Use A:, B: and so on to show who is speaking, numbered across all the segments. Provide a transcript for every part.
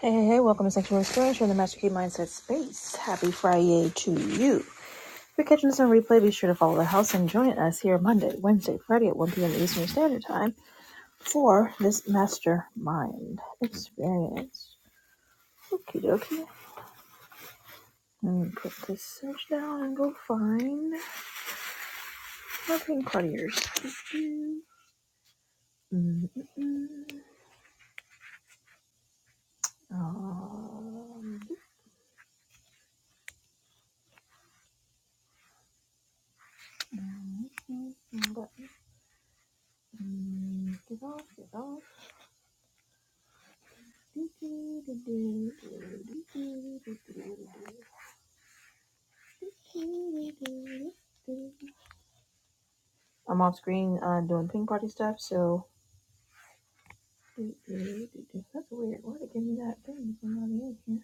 A: Hey, hey, hey, welcome to Sanctuary Experience. You're in the Master Key Mindset Space. Happy Friday to you. If you're catching this on replay, be sure to follow the house and join us here Monday, Wednesday, Friday at 1 p.m. Eastern Standard Time for this Mastermind Experience. Okie dokie. Let me put this search down and go find my pink partiers. Um, mm-mm-mm. Get off, get off. I'm off screen uh, doing ping party stuff, so that's weird. Why did it give me that thing? There's nobody in here.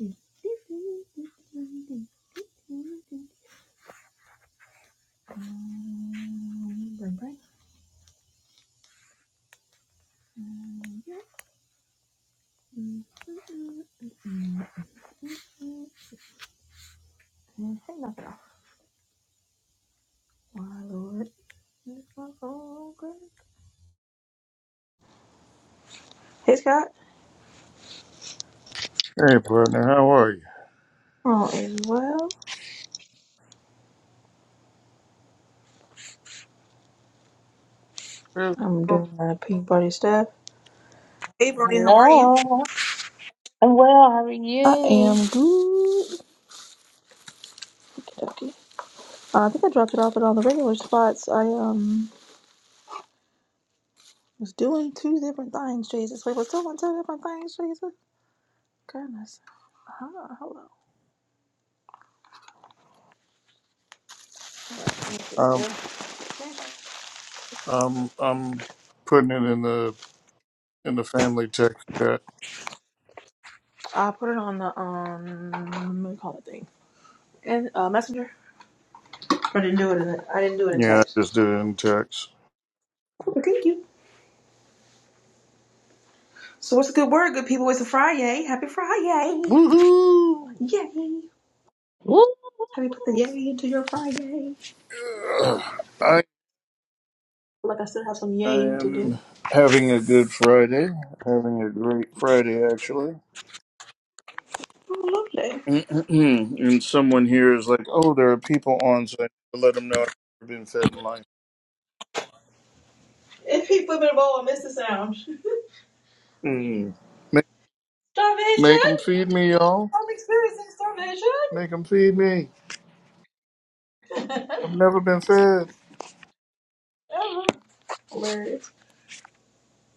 A: That's weird. Um, bring, bring. Hey, knock it off. My lord. Hey, Scott.
B: Hey, partner, how are you?
A: Oh, is well.
B: Yes,
A: I'm doing my ping party stuff. Hey, Brony, how are you?
C: Hello. I'm well. How are
A: I
C: you?
A: am good. Okay. Uh, I think I dropped it off at all the regular spots. I um was doing two different things, Jesus. Wait, was doing two different things, Jesus? Goodness. Huh, hello. What is
B: am
A: this?
B: I'm I'm putting it in the in the family text chat.
A: I put it on the um what do you call that thing? And uh messenger. I didn't do it in I didn't do it in
B: Yeah, I just
A: text.
B: did it in text.
A: Okay, thank you. So what's a good word, good people? It's a Friday. Happy Friday.
B: Woohoo!
A: Yay.
C: Ooh,
A: Have you put the yay into your Friday?
B: Ugh. I
A: Like I still have some
B: I
A: yay to do.
B: am having a good Friday. Having a great Friday, actually.
A: Oh, lovely.
B: and someone here is like, "Oh, there are people on, so I need to let them know I've been fed in life."
A: If people will all I miss the sound.
B: Mm. Make make
A: Starvation!
B: them feed me, y'all.
A: I'm experiencing
B: Make them feed me.
A: starvation!
B: I've never been fed.
A: Oh, Hilarious.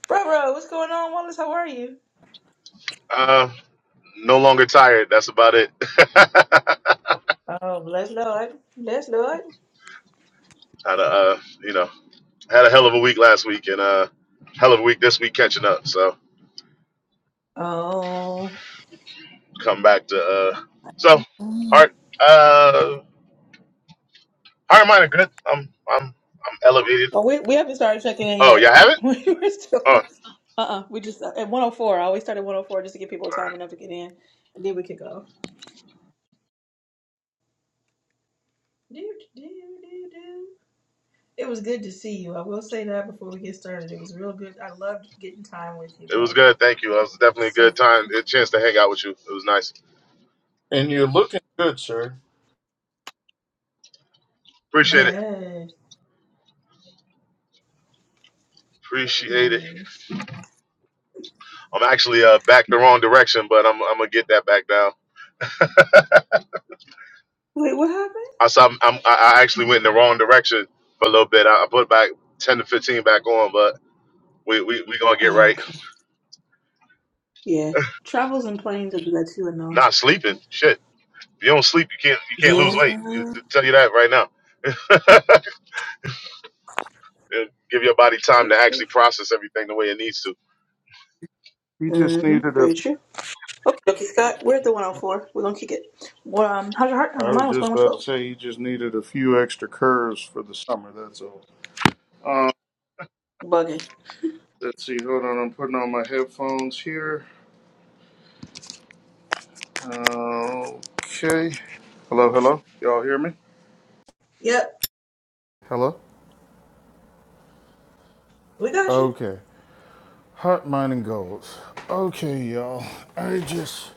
A: Bro, bro, what's going on, Wallace? How are you?
D: Uh, no longer tired. That's about it. had
A: Oh, bless Lord. Bless Lord.
D: a uh, you know had a hell of a week last week and uh hell of a week this week catching up. So
A: Oh.
D: come back to uh so
A: Mm.
D: heart uh heart and mind are good. I'm I'm I'm elevated.
A: Oh, we, we haven't started checking in
D: Oh, y'all
A: yet.
D: have it?
A: We We're
D: Oh,
A: still. Uh uh We just, at 104, I always start at 104 just to give people time enough to get in. And then we can go. It was good to see you. I will say that before we get started. It was real good. I loved getting time with you,
D: it was
A: bro.
D: good. Thank you. It was definitely a good
A: So,
D: time. A chance to hang out with you. It was nice.
B: And you're looking good, sir.
D: Appreciate it.
A: yes.
D: Appreciate it.
A: Hilarious.
D: I'm actually uh back the wrong direction, but I'm I'm gonna get that back down.
A: Wait, what happened?
D: I saw I'm, I'm, I I actually went in the wrong direction for a little bit. I, I put back ten to fifteen back on, but we we we gonna get
A: Oh,
D: right.
A: okay. Yeah. Travels and planes are good too, and all.
D: Not sleeping, shit. If you don't sleep, you can't you can't lose
A: Yeah.
D: weight. You, tell you that right now. It'll Give your body time
A: True,
D: to
A: true.
D: actually process everything the way it needs to.
B: He just
A: Mm-hmm.
B: needed a.
A: Very true. Okay, okay, Scott. We're at the 104. We're gonna kick it. Well, um, how's your heart? How's
B: I
A: your mind?
B: was
A: What's
B: just
A: going on with your
B: about to
A: goals?
B: say he just needed a few extra curves for the summer. That's all. Um,
A: Bugging.
B: let's see. Hold on. I'm putting on my headphones here. Okay. Hello. Hello. Y'all hear me?
A: Yep.
B: Hello.
A: We got you.
B: Okay. Heart, mind, and goals. Okay, y'all. I just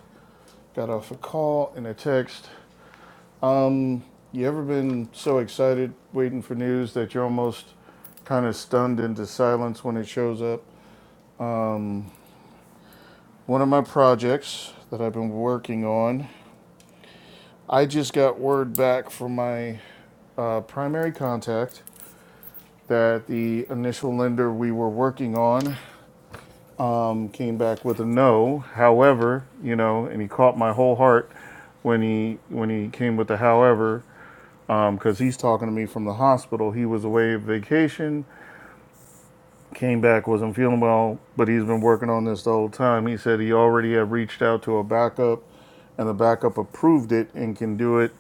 B: got off a call and a text. Um, you ever been so excited waiting for news that you're almost kind of stunned into silence when it shows up? Um, one of my projects that I've been working on. I just got word back from my uh, primary contact that the initial lender we were working on um, came back with a no. However, you know, and he caught my whole heart when he when he came with the however, because um, he's talking to me from the hospital. He was away on vacation. Came back, wasn't feeling well, but he's been working on this the whole time. He said he already had reached out to a backup, and the backup approved it and can do it,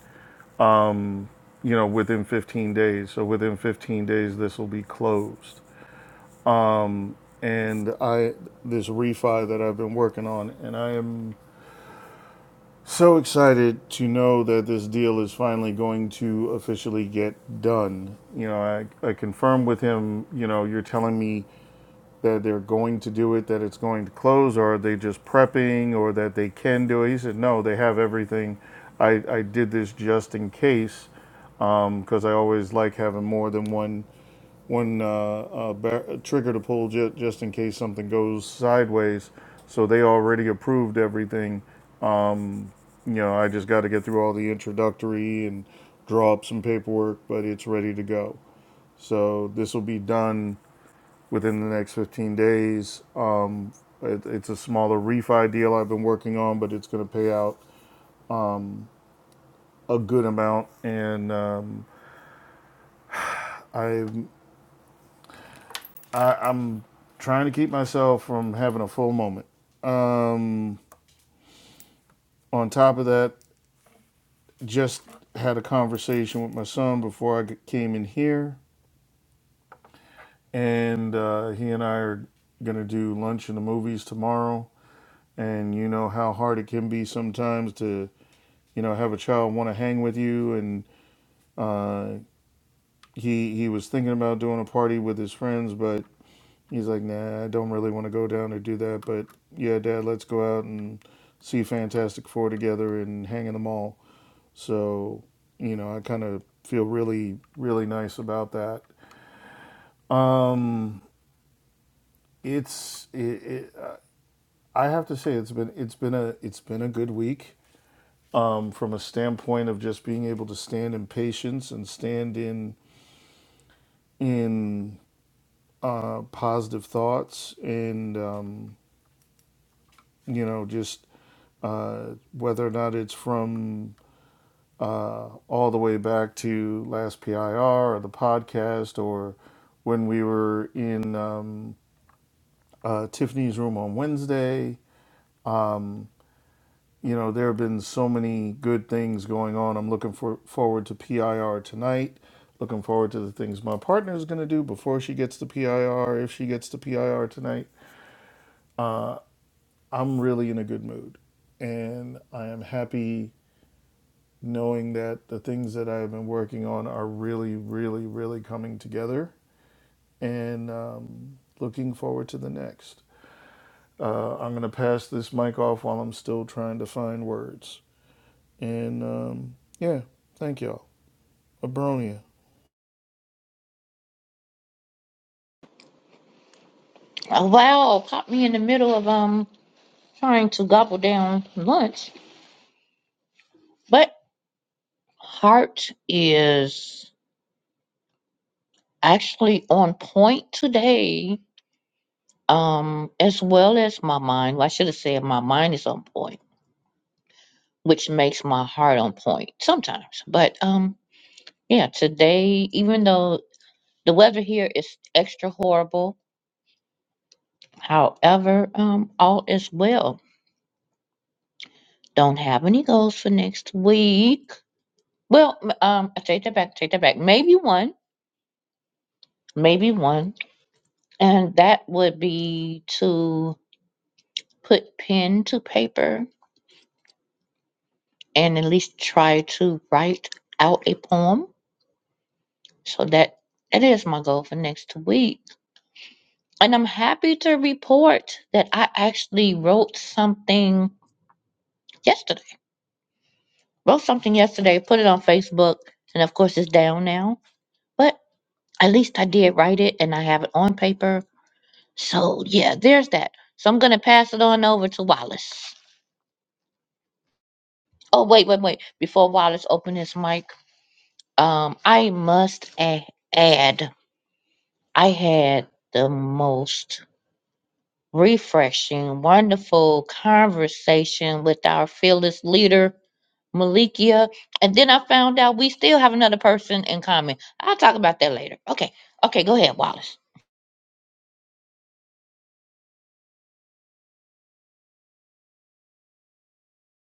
B: you know, within 15 days. So within 15 days, this will be closed. And I, this refi that I've been working on, and I am so excited to know that this deal is finally going to officially get done. You know, I, I confirmed with him, you know, you're telling me that they're going to do it, that it's going to close, or are they just prepping, or that they can do it? He said, no, they have everything. I, I did this just in case, because um, I always like having more than one one uh, uh, bar- trigger to pull ju- just in case something goes sideways. So they already approved everything. You know, I just got to get through all the introductory and draw up some paperwork, but it's ready to go. So this will be done within the next 15 days It, it's a smaller refi deal I've been working on, but it's going to pay out a good amount. And um, I, I, I'm trying to keep myself from having a full moment. On top of that, just had a conversation with my son before I came in here, and uh, he and I are going to do lunch in the movies tomorrow. And you know how hard it can be sometimes to you know, have a child want to hang with you. And uh, he he was thinking about doing a party with his friends, but He's like, nah, I don't really want to go down or do that, but yeah, Dad, let's go out and see Fantastic Four together and hang in the mall. So, you know, I kind of feel really, really nice about that. It's, it, it, I have to say, it's been, it's been a, it's been a good week um, from a standpoint of just being able to stand in patience and stand in, in uh, positive thoughts and um, you know just uh, whether or not it's from uh, all the way back to last PIR or the podcast or when we were in um, uh, Tiffany's room on Wednesday. You know, there have been so many good things going on. I'm looking for, forward to PIR tonight. Looking forward to the things my partner is going to do before she gets to PIR, if she gets to PIR tonight. I'm really in a good mood. And I am happy knowing that the things that I've been working on are really, really, really coming together and um, looking forward to the next. Uh, I'm going to pass this mic off while I'm still trying to find words. And um, yeah, thank y'all. Abronia.
C: oh, wow, caught me in the middle of um trying to gobble down lunch. But heart is actually on point today, um, as well as my mind. Well, I should have said my mind is on point, which makes my heart on point sometimes. But um, yeah, today, even though the weather here is extra horrible, however, um, all is well. Don't have any goals for next week. Well, m- um, I take that back. Take that back. Maybe one. Maybe one. And that would be to put pen to paper and at least try to write out a poem. So that that is my goal for next week. And I'm happy to report that I actually wrote something yesterday. Wrote something yesterday, put it on Facebook, and of course it's down now. But at least I did write it and I have it on paper So yeah, there's that. So I'm gonna pass it on over to Wallace. Oh wait, wait, wait. Before Wallace open his mic, um, I must a- add, I had the most refreshing, wonderful conversation with our fearless leader, Malikia. And then I found out we still have another person in common. I'll talk about that later. Okay, okay, go ahead, Wallace.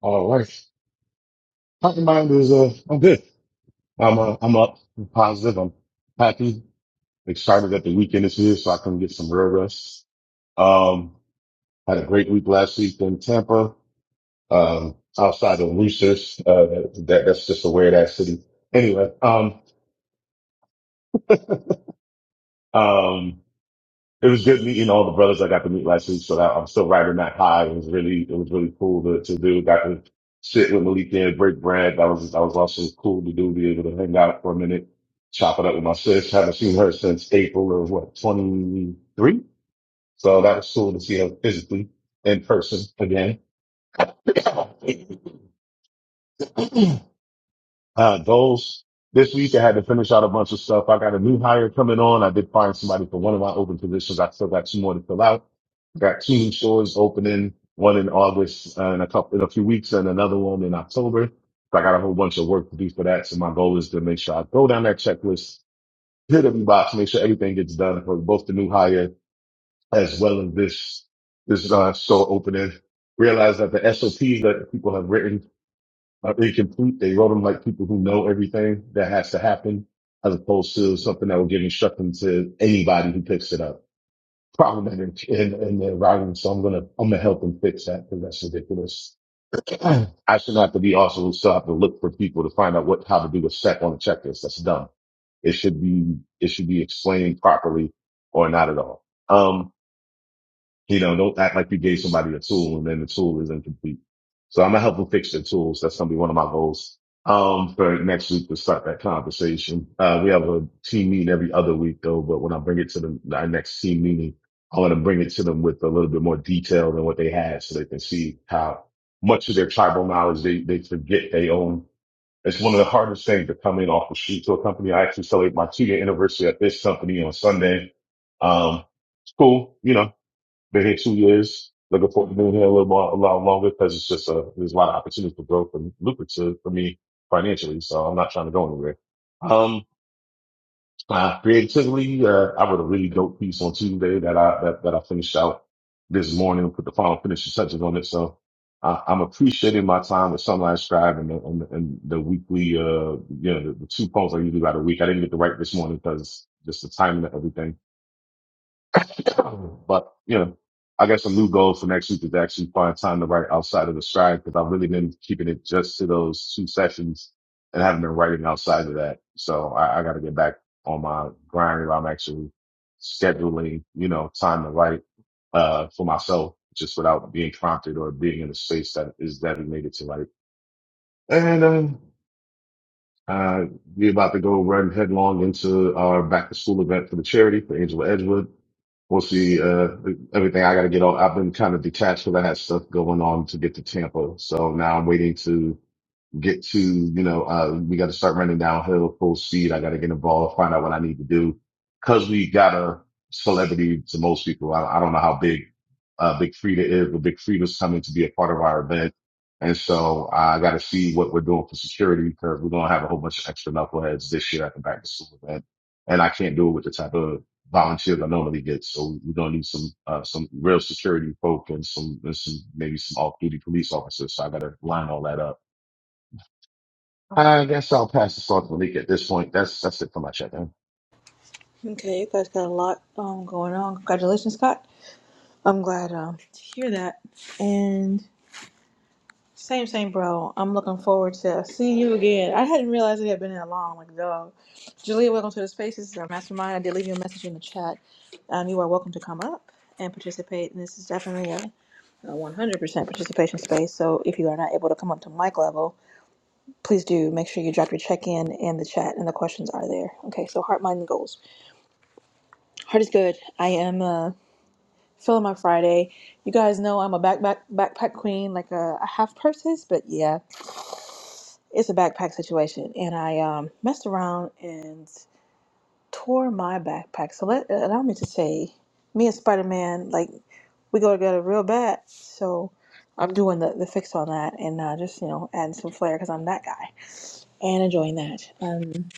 D: All right. My mind? is, uh, I'm good. I'm, uh, I'm up. I'm positive. I'm happy, excited that the weekend is here so I can get some real rest. Um, had a great week last week in Tampa. um, outside of Lucis. Uh, that, that's just a weird ass city. Anyway, um, um, it was good meeting all the brothers I got to meet last week. So that, I'm still riding that high. It was really, it was really cool to, to do. Got to sit with Malik and break bread. That was, that was also cool to do, be able to hang out for a minute, chop it up with my sis. Haven't seen her since April of what, 23? So that was cool to see her physically in person again. Uh, goals. This week I had to finish out a bunch of stuff. I got a new hire coming on. I did find somebody for one of my open positions. I still got two more to fill out. Got two new stores opening, one in August uh, in a couple, in a few weeks and another one in October. So I got a whole bunch of work to do for that. So my goal is to make sure I go down that checklist, hit every box, make sure everything gets done for both the new hire as well as this, this, uh, store opening. Realize that the SOPs that people have written uh, incomplete. They wrote them like people who know everything that has to happen, as opposed to something that will give instruction to anybody who picks it up. Problematic in, in their writing, so I'm gonna I'm gonna help them fix that because that's ridiculous. I should not have to be also still have to look for people to find out what how to do a check on a checklist. That's dumb. It should be it should be explained properly or not at all. Um, you know, don't act like you gave somebody a tool and then the tool is incomplete. So I'm gonna help them fix their tools. That's gonna be one of my goals. Um, for next week to start that conversation. Uh, we have a team meeting every other week though, but when I bring it to them, our next team meeting, I want to bring it to them with a little bit more detail than what they had so they can see how much of their tribal knowledge they, they forget they own. It's one of the hardest things to come in off the street to a company. I actually celebrate my two year anniversary at this company on Sunday. Um, it's cool, you know, been here two years. Looking forward to being here a little more, a lot longer because it's just a, there's a lot of opportunity for growth and lucrative for me financially. So I'm not trying to go anywhere. Um, uh, creatively, uh, I wrote a really dope piece on Tuesday that I, that, that I finished out this morning, put the final finishing touches on it. So I, I'm appreciating my time with Sunlight Scribe and the, and, the- and the weekly, uh, you know, the, the two poems I usually write a week. I didn't get to write this morning because just the timing of everything But you know, I guess a new goal for next week is to actually find time to write outside of the stride because I've really been keeping it just to those two sessions and haven't been writing outside of that. So I, I got to get back on my grind where I'm actually scheduling, you know, time to write uh for myself just without being prompted or being in a space that is designated to write. And um uh, we're about to go run headlong into our back to school event for the charity for Angela Edgewood. We'll see, uh, everything I gotta get on. I've been kind of detached because I had stuff going on to get to Tampa. So now I'm waiting to get to, you know, uh, we got to start running downhill full speed. I got to get involved, find out what I need to do. Cause we got a celebrity to most people. I, I don't know how big, uh, Big Frida is, but Big Frida's coming to be a part of our event. And so uh, I got to see what we're doing for security because we're going to have a whole bunch of extra knuckleheads this year at the back to school event. And I can't do it with the type of volunteers I normally get. So we're going to need some, uh, some real security folk and some, and some, maybe some off duty police officers. So I got to line all that up I guess I'll pass this on to Malik at this point. That's that's it for my check in.
A: Okay, you guys got a lot um going on. Congratulations, Scott. I'm glad um to hear that. and. Same, same, bro. I'm looking forward to seeing you again. I hadn't realized it had been that long. Like, dog. Julia, welcome to the space. This is our mastermind. I did leave you a message in the chat. Um, you are welcome to come up and participate. And this is definitely a, a 100% participation space. So if you are not able to come up to mic level, please do make sure you drop your check in in the chat and the questions are there. Okay, so heart, mind, and goals. Heart is good. I am uh, feeling my Friday. You guys know I'm a backpack, backpack queen, like a I have purses, but yeah. it's a backpack situation, and I um, messed around and tore my backpack. So let uh, allow me to say, me and Spider Man, like we go together real bad. So I'm doing the, the fix on that, and uh, just you know adding some flair because I'm that guy and enjoying that. Um,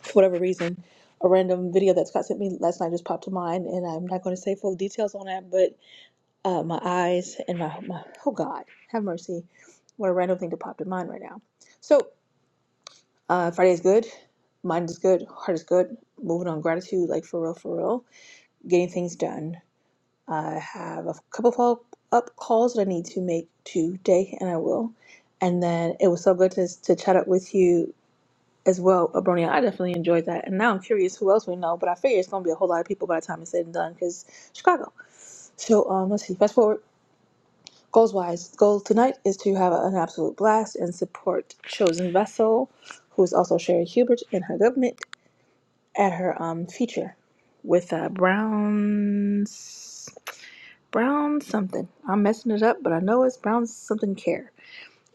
A: for whatever reason, a random video that Scott sent me last night just popped to mind, and I'm not going to say full details on that, but uh, my eyes and my, my oh God, have mercy, what a random thing to pop to mind right now. So. Uh, Friday is good. Mind is good. Heart is good. Moving on gratitude, like for real, for real. Getting things done. I have a couple follow up calls that I need to make today, and I will. And then it was so good to, to chat up with you as well, Abronia. I definitely enjoyed that. And now I'm curious who else we know, but I figure it's going to be a whole lot of people by the time it's said and done because Chicago. So um, let's see. Fast forward. Goals wise, goal tonight is to have an absolute blast and support Chosen Vessel, who is also Sherry Hubert and her government. at her um feature with uh Brown's Brown something. I'm messing it up, but I know it's Brown something care.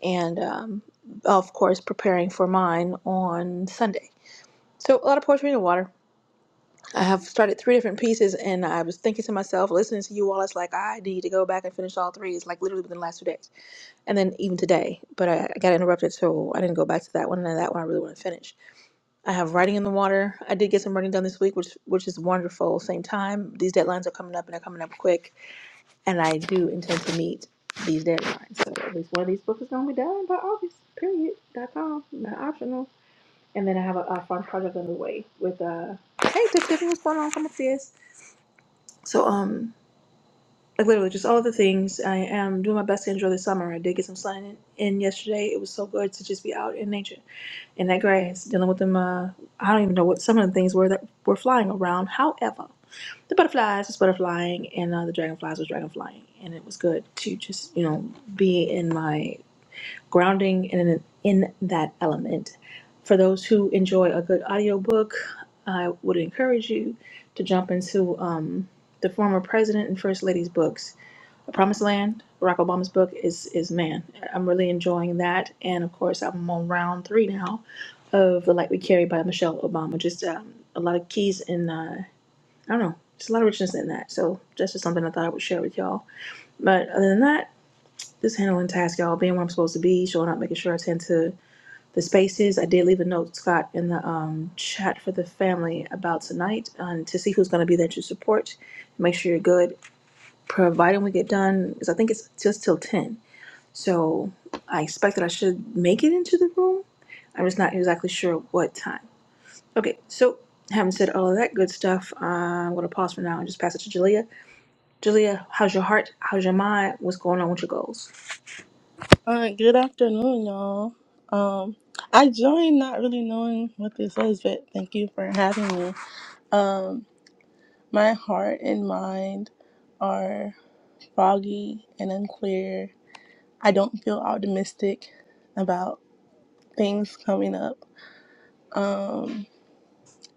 A: And um of course preparing for mine on Sunday. So a lot of poetry in the water. I have started three different pieces and I was thinking to myself, listening to you all, it's like I need to go back and finish all three. It's like literally within the last two days. And then even today. But I, I got interrupted so I didn't go back to that one and that one I really want to finish. I have writing in the water. I did get some writing done this week, which which is wonderful. Same time, these deadlines are coming up and they're coming up quick, and I do intend to meet these deadlines. So at least one of these books is gonna be done by August. Period. Dot com. Not optional. And then I have a, a fun project underway with uh. Hey, Tiff Tiffany, what's going on? Come up, sis. So um like literally just all the things. I am doing my best to enjoy the summer. I did get some sun in, in yesterday. It was so good to just be out in nature, in that grass, dealing with them. Uh, I don't even know what some of the things were that were flying around. However, the butterflies was butterflying, and uh, the dragonflies was dragonflying, and it was good to just you know be in my grounding and in, in that element. For those who enjoy a good audiobook, I would encourage you to jump into um, the former president and first lady's books the Promised Land, Barack Obama's book, is is man. I'm really enjoying that, and of course, I'm on round three now of The Light We Carry by Michelle Obama. Just um, a lot of keys and uh, I don't know, just a lot of richness in that. So that's just something I thought I would share with y'all. But other than that, just handling tasks, y'all, being where I'm supposed to be, showing up, making sure I tend to the spaces. I did leave a note, Scott, in the um, chat for the family about tonight um, to see who's going to be there to support. Make sure you're good, providing we get done, because I think it's just till 10. So I expect that I should make it into the room. I'm just not exactly sure what time. Okay, so having said all of that good stuff, uh, I'm going to pause for now and just pass it to Jalea. Jalea, how's your heart? How's your mind? What's going on with your goals?
E: Uh, good afternoon, y'all. Um, I joined not really knowing what this was, but thank you for having me. Um, my heart and mind are foggy and unclear. I don't feel optimistic about things coming up. Um,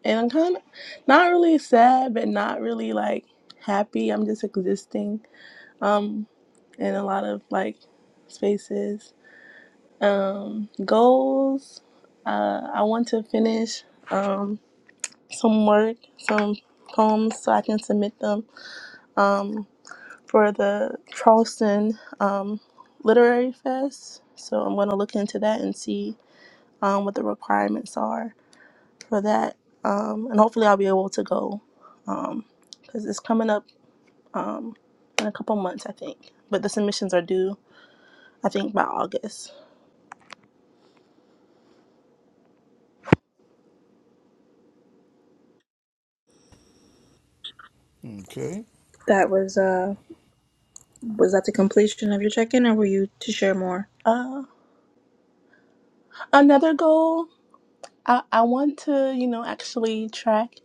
E: and I'm kind of not really sad, but not really like happy. I'm just existing um, in a lot of like spaces. Um, goals. Uh, I want to finish um, some work, some poems, so I can submit them um, for the Charleston um, Literary Fest. So I'm going to look into that and see um, what the requirements are for that, um, and hopefully I'll be able to go um, because it's coming up um, in a couple months, I think. But the submissions are due, I think, by August.
B: Okay.
A: That was uh was that the completion of your check-in or were you to share more?
E: Uh, another goal. I, I want to, you know, actually track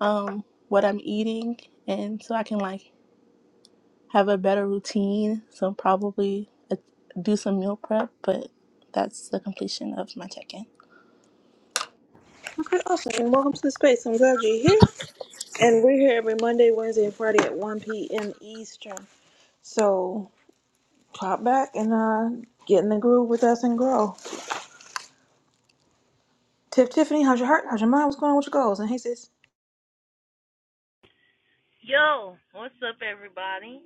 E: um what I'm eating and so I can like have a better routine. So probably uh, do some meal prep, but that's the completion of my check-in.
A: Okay, awesome. And welcome to the space. I'm glad you're here. And we're here every Monday, Wednesday, and Friday at 1 p.m. Eastern. So pop back and uh get in the groove with us and grow. Tiff, Tiffany, how's your heart? How's your mind? What's going on with your goals? And hey, sis,
F: Yo, what's up, everybody?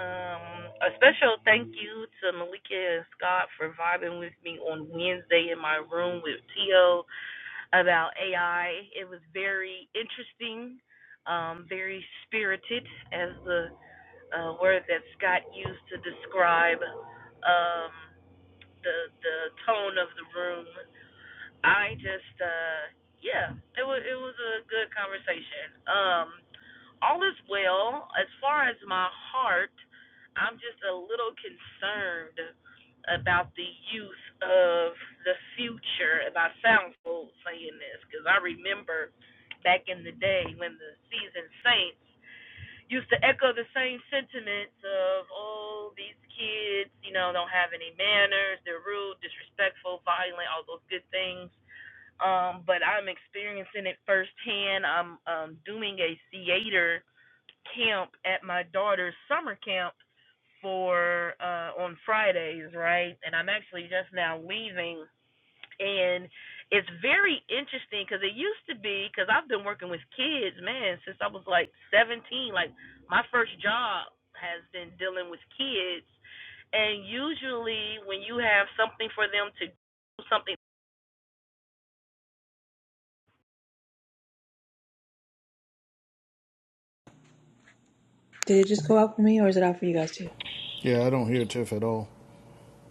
F: Um, a special thank you to Malika and Scott for vibing with me on Wednesday in my room with Tio about AI. It was very interesting, um, very spirited, as the uh, word that Scott used to describe um, the the tone of the room. I just uh yeah, it was it was a good conversation. Um all is well. As far as my heart, I'm just a little concerned about the youth of the future. And I sound old saying this because I remember back in the day when the seasoned saints used to echo the same sentiments of, oh, these kids, you know, don't have any manners, they're rude, disrespectful, violent, all those good things um, but I'm experiencing it firsthand. I'm um, doing a theater camp at my daughter's summer camp for uh, on Fridays, right? And I'm actually just now leaving, and it's very interesting because it used to be because I've been working with kids, man, since I was like 17. Like my first job has been dealing with kids, and usually when you have something for them to do, something
A: did it just go out for me, or is it out for you guys too?
B: Yeah, I don't hear Tiff at all.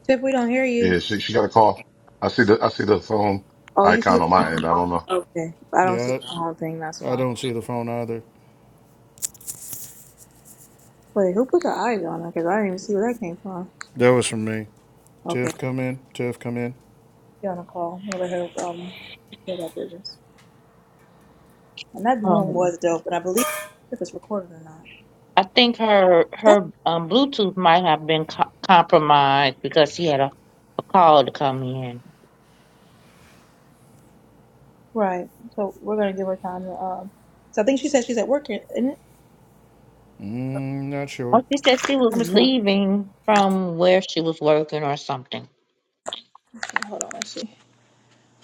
A: Tiff, we don't hear you.
D: Yeah, she, she got a call. I see the I see the phone
A: Oh, you see
D: icon
A: the
D: on my end.
A: phone?
D: I don't know.
A: Okay, I don't see
B: Yeah,
A: the phone thing. That's
B: I, I
A: fine.
B: don't see the phone either.
A: Wait, who put the eyes on her? Because I didn't even see where that came from.
B: That was from me.
A: Okay,
B: Tiff, come in. Tiff, come in.
A: you on the call? I'm gonna let her um do that business. And that room
C: Um.
A: was dope, and I believe if it's recorded or not.
C: I think her
A: That's
C: her um, Bluetooth might have been co- compromised because she had a, a call to come in.
A: right. So we're gonna give her time to um. So I think she said she's at work, isn't it?
B: Mm, not sure.
C: Oh, she said she was
A: I'm just gonna
C: leaving from where she was working or something.
A: hold on. Let's see.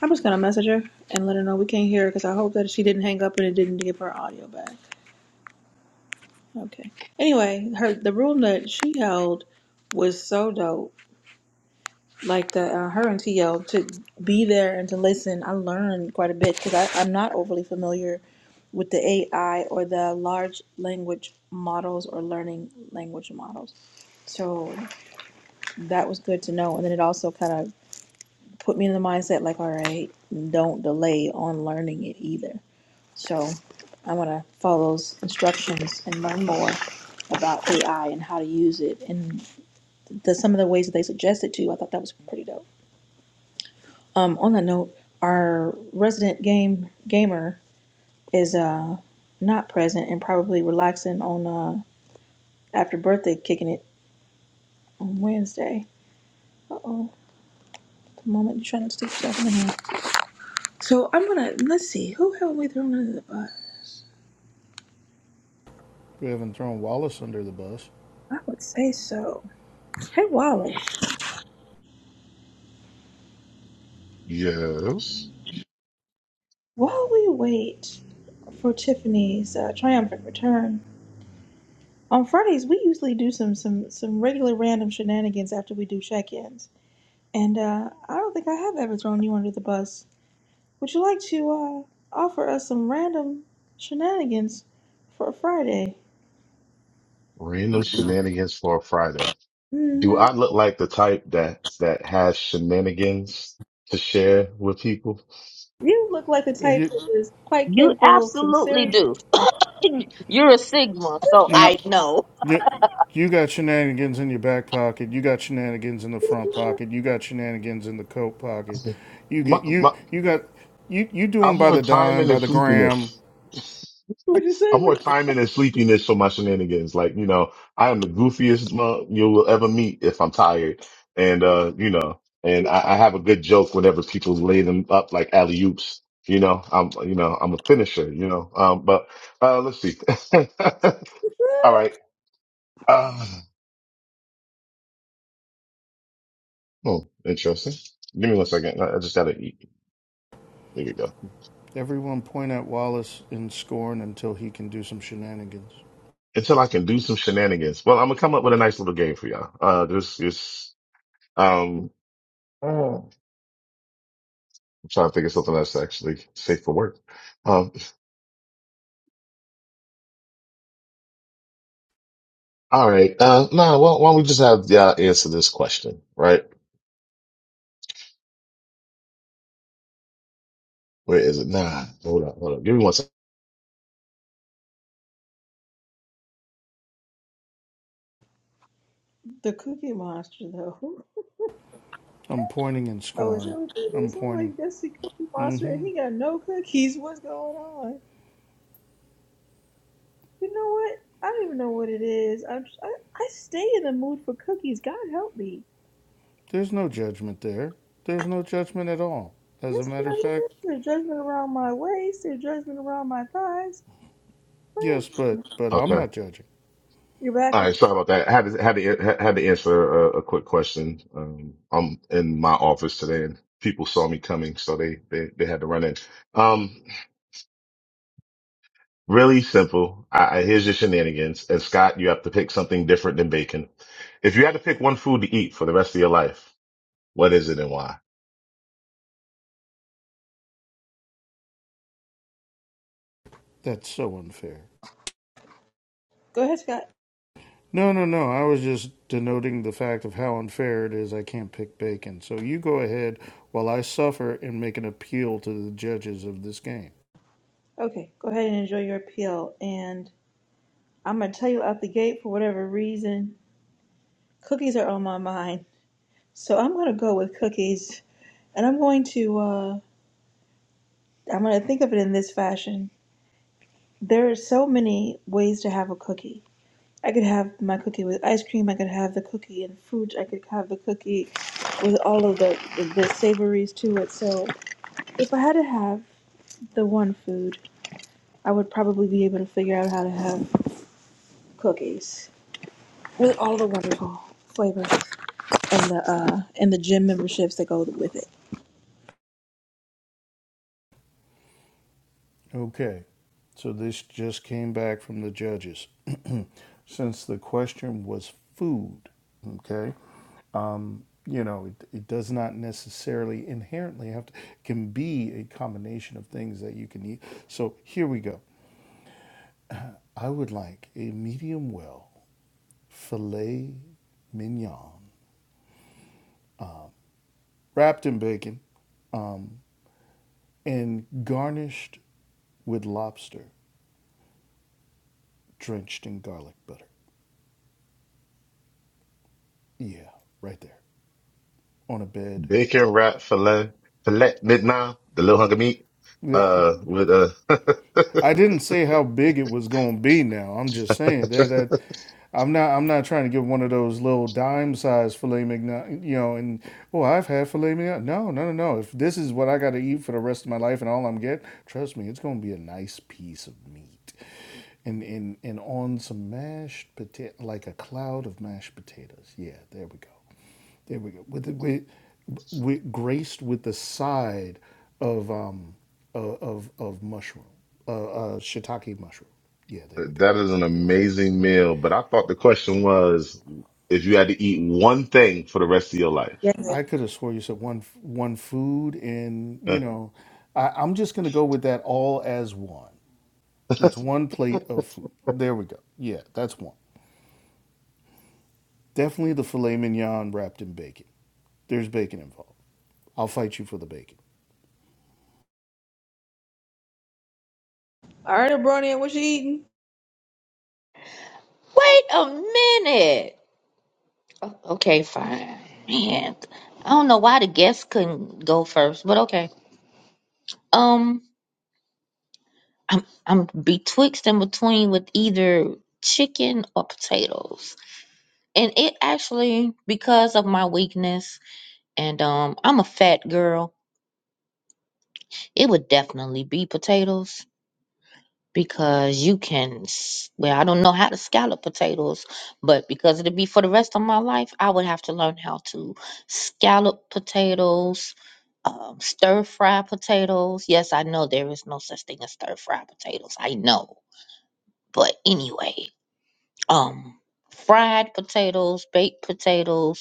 A: I'm just gonna message her and let her know we can't hear her because I hope that she didn't hang up and it didn't give her audio back. Okay. Anyway, her the room that she held was so dope. Like the uh, her and TL to be there and to listen, I learned quite a bit because I'm not overly familiar with the AI or the large language models or learning language models. So that was good to know. And then it also kind of put me in the mindset like, all right, don't delay on learning it either So I want to follow those instructions and learn more about AI and how to use it and the some of the ways that they suggested to. I thought that was pretty dope. Um, on that note, our resident game gamer is uh not present and probably relaxing on uh after birthday kicking it on Wednesday. Uh oh, the moment you're trying to stick yourself in the hand. So I'm gonna let's see who haven't we thrown under the bus.
B: We haven't thrown Wallace under the bus.
A: I would say so. Hey Wallace,
D: Yes,
A: while we wait. for Tiffany's uh, triumphant return. On Fridays, we usually do some some some regular random shenanigans after we do check-ins, and uh, I don't think I have ever thrown you under the bus. Would you like to uh, offer us some random shenanigans for a Friday?
D: random
A: Really?
D: shenanigans for a Friday. Do
A: hmm
D: I look like the type that that has shenanigans to share with people?
A: You look like the
B: Uh,
A: type
B: You,
A: that is quite
C: You
A: capable of some
C: absolutely
A: serious.
C: do. You're a Sigma, so
A: shenanigans.
B: you,
C: I know.
B: You, you got shenanigans in your back pocket. You got shenanigans in the front pocket. You got shenanigans in the coat pocket. You
D: My,
B: get
D: my,
B: you you got you you do
D: I'm
B: them by
D: more
B: the dime,
D: timing
B: by
D: and
B: the gram.
D: sleepiness.
A: What'd you say?
D: I'm more
A: What
D: timing and sleepiness for my shenanigans. Like, you know, I am the goofiest monk you will ever meet if I'm tired. And, uh, you know, and I, I have a good joke whenever people lay them up like alley oops. You know, I'm, you know, I'm a finisher, you know, um, but, uh, let's see. All right. Uh, oh, interesting. Give me one second. I I just gotta eat. There you go.
B: Everyone point at Wallace in scorn until he can do some shenanigans.
D: Until I can do some shenanigans. Well, I'm gonna come up with a nice little game for y'all. Uh, this is, um, I'm trying to think of something that's actually safe for work. Um, all right. Uh, nah, why, why don't we just have y'all answer this question, right? Where is it? Nah, hold up, hold up. Give me one second.
A: the Cookie Monster though?
B: I'm pointing in
A: Oh, is
B: scorn.
A: that what it
B: I'm
A: is? I'm like,
B: pointing.
A: that's the Cookie
B: hmm
A: Monster, and he got no cookies. What's going on? You know what? I don't even know what it is. I'm, I I stay in the mood for cookies. God help me.
B: There's no judgment there. There's no judgment at all. As a
A: Yes,
B: matter of fact,
A: Jesus. Their judgment around my waist. Their judgment around my thighs.
B: yes,
A: Praying.
B: but but I'm
D: Okay.
B: not judging.
A: You're back.
D: All
A: Okay.
D: right. Sorry about that. I had to, had to, had had to answer a, a quick question. Um, I'm in my office today and people saw me coming, so they, they, they had to run in. Um, really simple. I, I, here's your shenanigans. And Scott, you have to pick something different than bacon. If you had to pick one food to eat for the rest of your life, what is it and why?
B: That's so unfair.
A: Go ahead, Scott.
B: No, no, no. I was just denoting the fact of how unfair it is I can't pick bacon. So you go ahead while I suffer and make an appeal to the judges of this game.
A: Okay. Go ahead and enjoy your appeal. And I'm gonna tell you out the gate for whatever reason, cookies are on my mind. So I'm gonna go with cookies, and I'm going to uh, I'm gonna think of it in this fashion. There are so many ways to have a cookie I could have my cookie with ice cream. I could have the cookie and fruit. I could have the cookie with all of the, the, the savories to it. So if I had to have the one food, I would probably be able to figure out how to have cookies with all the wonderful flavors and the uh and the gym memberships that go with it.
B: Okay. So this just came back from the judges. Since the question was food, okay? Um, you know, it, it does not necessarily inherently have to it can be a combination of things that you can eat. So here we go. I would like a medium well filet mignon wrapped in bacon, um, and garnished with lobster drenched in garlic butter. Yeah, right there on a bed.
D: Bacon wrap filet, filet mignon, the little hunk of meat,
B: Yeah,
D: uh, with uh
B: I didn't say how big it was going to be. Now I'm just saying that
D: that
B: that I'm not I'm not trying to get one of those little dime size filet mignon. You know, and oh, I've had filet mignon. No, no, no, no. If this is what I got to eat for the rest of my life and all I'm getting, trust me, it's going to be a nice piece of meat. and and and on some mashed potato, like a cloud of mashed potatoes. Yeah, there we go. There we go. With the, with, with graced with the side of um of of, of mushroom, uh, uh, shiitake mushroom. Yeah, there we go.
D: is an
B: There we go.
D: amazing meal. But I thought the question was if you had to eat one thing for the rest of your life.
A: Yeah.
B: I could have swore you said one one food, and
D: Huh.
B: you know, I, I'm just gonna go with that all as one. It's one plate of food. There we go. Yeah, that's one. Definitely the filet mignon wrapped in bacon. There's bacon involved. I'll fight you for the bacon.
A: All right, Abronia, what you eating?
C: Wait a minute. O- Okay, fine. Man, I don't know why the guests couldn't go first, but okay. Um, I'm I'm betwixt and between with either chicken or potatoes. and it actually because of my weakness and um i'm a fat girl it would definitely be potatoes because you can s- well i don't know how to scallop potatoes but because it'd be for the rest of my life i would have to learn how to scallop potatoes um, stir fry potatoes yes i know there is no such thing as stir fry potatoes i know but anyway um fried potatoes baked potatoes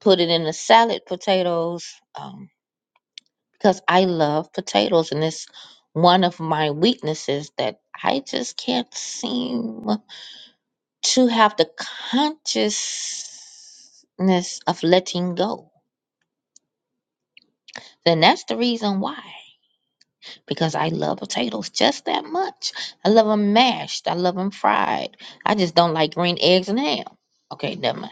C: put it in the salad potatoes um, because I love potatoes and it's one of my weaknesses that I just can't seem to have the consciousness of letting go. Then that's the reason why because I love potatoes just that much. I love them mashed, I love them fried. I just don't like green eggs and ham. Okay, never mind.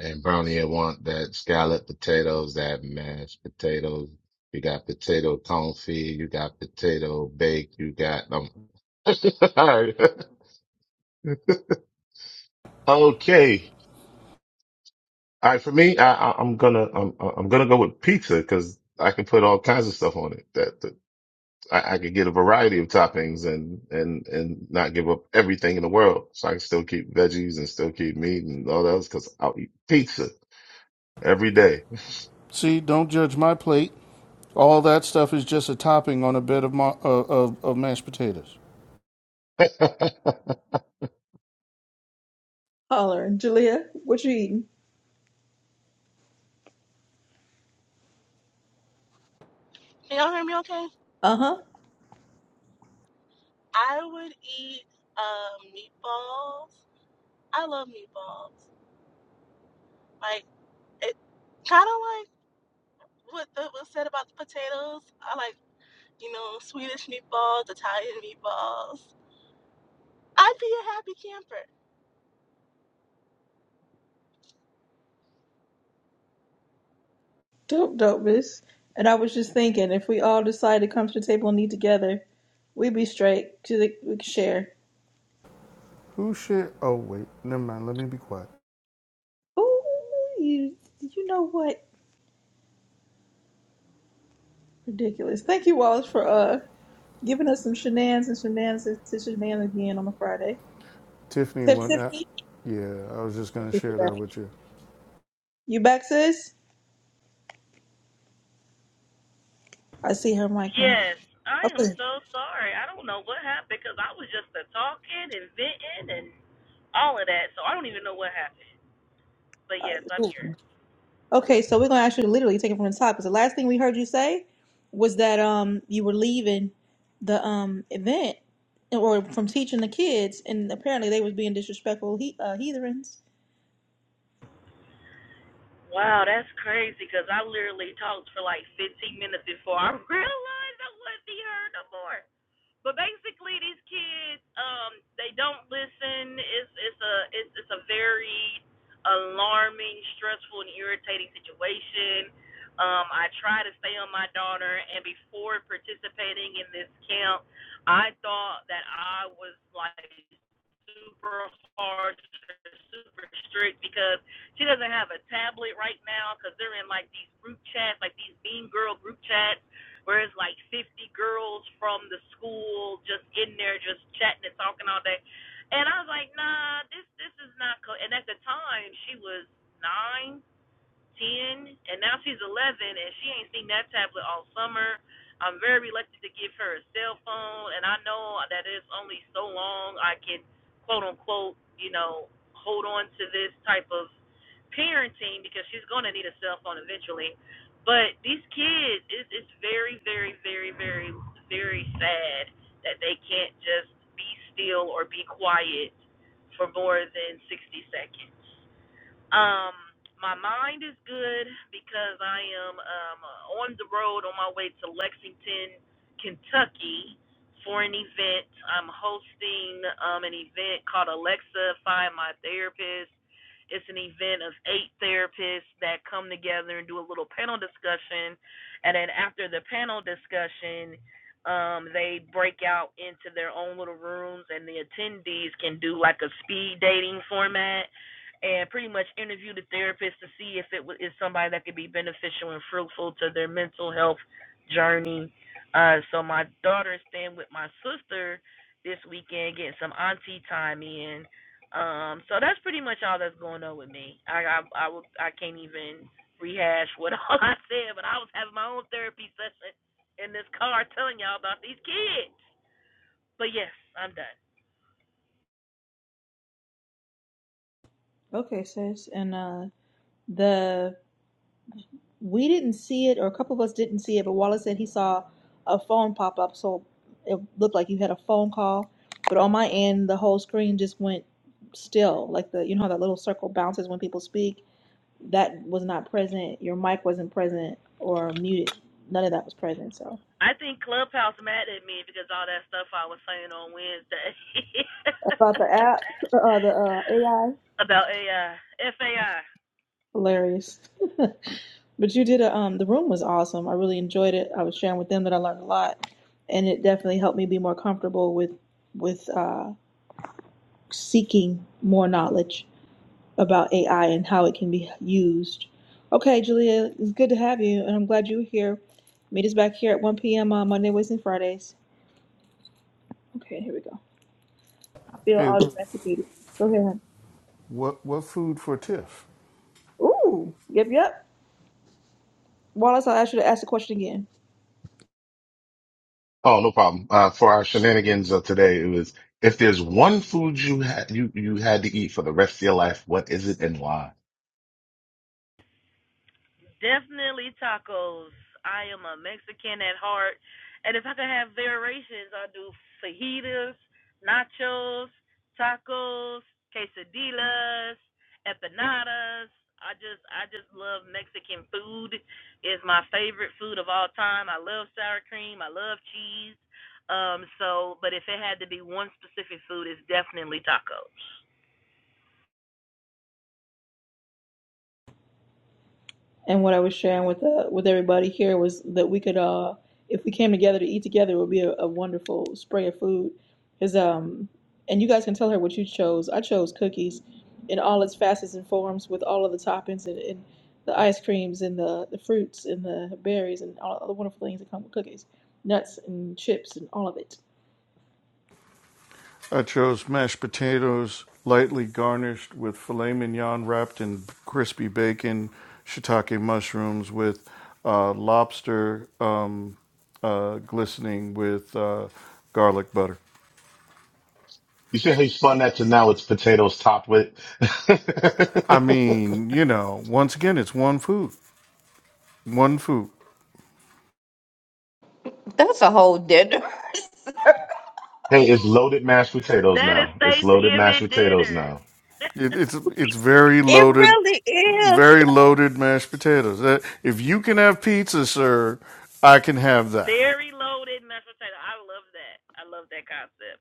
D: And Brownie, I want that scallop potatoes, that mashed potatoes. You got potato confit. You got potato bake. You got um. All right. Okay. All right, for me, I, I, I'm gonna I'm I'm gonna go with pizza because I can put all kinds of stuff on it. That, that I, I could get a variety of toppings and and and not give up everything in the world. So I can still keep veggies and still keep meat and all that else because I'll eat pizza every day.
B: See, don't judge my plate. All that stuff is just a topping on a bed of ma- uh, of, of mashed potatoes.
D: oh,
A: Holler, Julia, what you eating?
E: Can y'all hear me okay?
A: Uh huh.
E: I would eat um, meatballs. I love meatballs. Like, it kind of like what the, was said about the potatoes. I like, you know, Swedish meatballs, Italian meatballs. I'd be a happy camper.
A: Dope, dopest. And I was just thinking, if we all decide to come to the table and eat together, we'd be straight. they- we could share.
B: Who shared? Oh wait, never mind. Let me be quiet.
A: Ooh, you, you know what? Ridiculous. Thank you, Wallace, for uh giving us some shenanigans and shenanigans to shenanigans again on a Friday.
B: Tiffany
A: Tip,
B: went out.
A: Tiffany,
B: Yeah, I was just
A: I
B: gonna
A: appreciate
B: share that
A: that.
B: with you.
A: you back, sis? I see her mic now.
F: Yes, I am
A: Okay.
F: so sorry. I don't know what happened because I was just a talking and venting and all of that, so I don't even know what happened. But yes, I'm
A: Uh,
F: here.
A: Okay, so we're gonna ask you to literally take it from the top because the last thing we heard you say was that um you were leaving the um event or from teaching the kids, and apparently they was being disrespectful he- uh, heathens.
F: Wow, that's crazy because I literally talked for like 15 minutes before I realized I wouldn't be heard no more. But basically, these kids, um, they don't listen. It's it's a it's it's a very alarming, stressful, and irritating situation. Um, I try to stay on my daughter, and before participating in this camp, I thought that I was like super hard, super strict because she doesn't have a tablet right now because they're in like these group chats, like these Mean Girl group chats where it's like 50 girls from the school just in there just chatting and talking all day. And I was like, nah, this this is not cool. And at the time, she was nine, ten, and now she's eleven, and she ain't seen that tablet all summer. I'm very reluctant to give her a cell phone, and I know that it's only so long I can, quote unquote, you know, hold on to this type of parenting because she's gonna need a cell phone eventually. But these kids, it's, it's very, very, very, very, very sad that they can't just be still or be quiet for more than 60 seconds. Um, my mind is good because I am um, on the road on my way to Lexington, Kentucky for an event. I'm hosting um, an event called Alexa Find My Therapist. It's an event of eight therapists that come together and do a little panel discussion. And then after the panel discussion, um, they break out into their own little rooms, and the attendees can do like a speed dating format and pretty much interview the therapist to see if it is somebody that could be beneficial and fruitful to their mental health journey. Uh, so my daughter is staying with my sister this weekend, getting some auntie time in. Um, so that's pretty much all that's going on with me. I I I, will, I can't even rehash what all I said, but I was having my own therapy session in this car, telling y'all about these kids. But yes, I'm done.
A: Okay, sis, and uh the we didn't see it, or a couple of us didn't see it, but Wallace said he saw a phone pop up, so it looked like you had a phone call. But on my end, the whole screen just went still, like the you know how that little circle bounces when people speak that was not present, your mic wasn't present or muted. None of that was present. So
F: I think Clubhouse mad at me because all that stuff I was saying on Wednesday
A: about the app, uh, the uh, AI,
F: about AI,
A: hilarious. But you did a um, the room was awesome. I really enjoyed it. I was sharing with them that I learned a lot, and it definitely helped me be more comfortable with with uh, seeking more knowledge about AI and how it can be used. Okay, Julia, it's good to have you, and I'm glad you were here. Meet us back here at 1 p.m. on Monday, Wednesday, and Fridays. Okay, here we go. I feel
B: Hey,
A: all domesticated. Go ahead. hun.
B: what what food for Tiff?
A: Ooh, yep, yep. Wallace, I asked you to ask the question again.
D: no problem. Uh, for our shenanigans of today, it was if there's one food you had you you had to eat for the rest of your life, what is it and why?
F: Definitely tacos. I am a Mexican at heart. And if I could have variations, I'll do fajitas, nachos, tacos, quesadillas, empanadas. I just I just love Mexican food. It's my favorite food of all time. I love sour cream, I love cheese. Um so but if it had to be one specific food, it's definitely tacos.
A: And what I was sharing with uh, with everybody here was that we could, uh, if we came together to eat together, it would be a, a wonderful spray of food. Is um, and you guys can tell her what you chose. I chose cookies, in all its facets and forms, with all of the toppings and, and the ice creams and the, the fruits and the berries and all the wonderful things that come with cookies, nuts and chips and all of it.
B: I chose mashed potatoes, lightly garnished with filet mignon wrapped in crispy bacon, shiitake mushrooms with uh, lobster um, uh, glistening with uh, garlic butter.
D: You see how you spun that to now it's potatoes topped with.
B: I mean, you know, once again, it's one food, one food.
C: That's a whole dinner.
D: Hey, it's loaded mashed potatoes
F: That is
D: now. It's loaded mashed
F: Thanksgiving
D: potatoes
F: dinner.
D: now.
B: It, it's it's very
C: It
B: loaded,
C: really is.
B: very loaded mashed potatoes. Uh, If you can have pizza, sir, I can have that.
F: Very loaded mashed potato. I love that. I love that concept.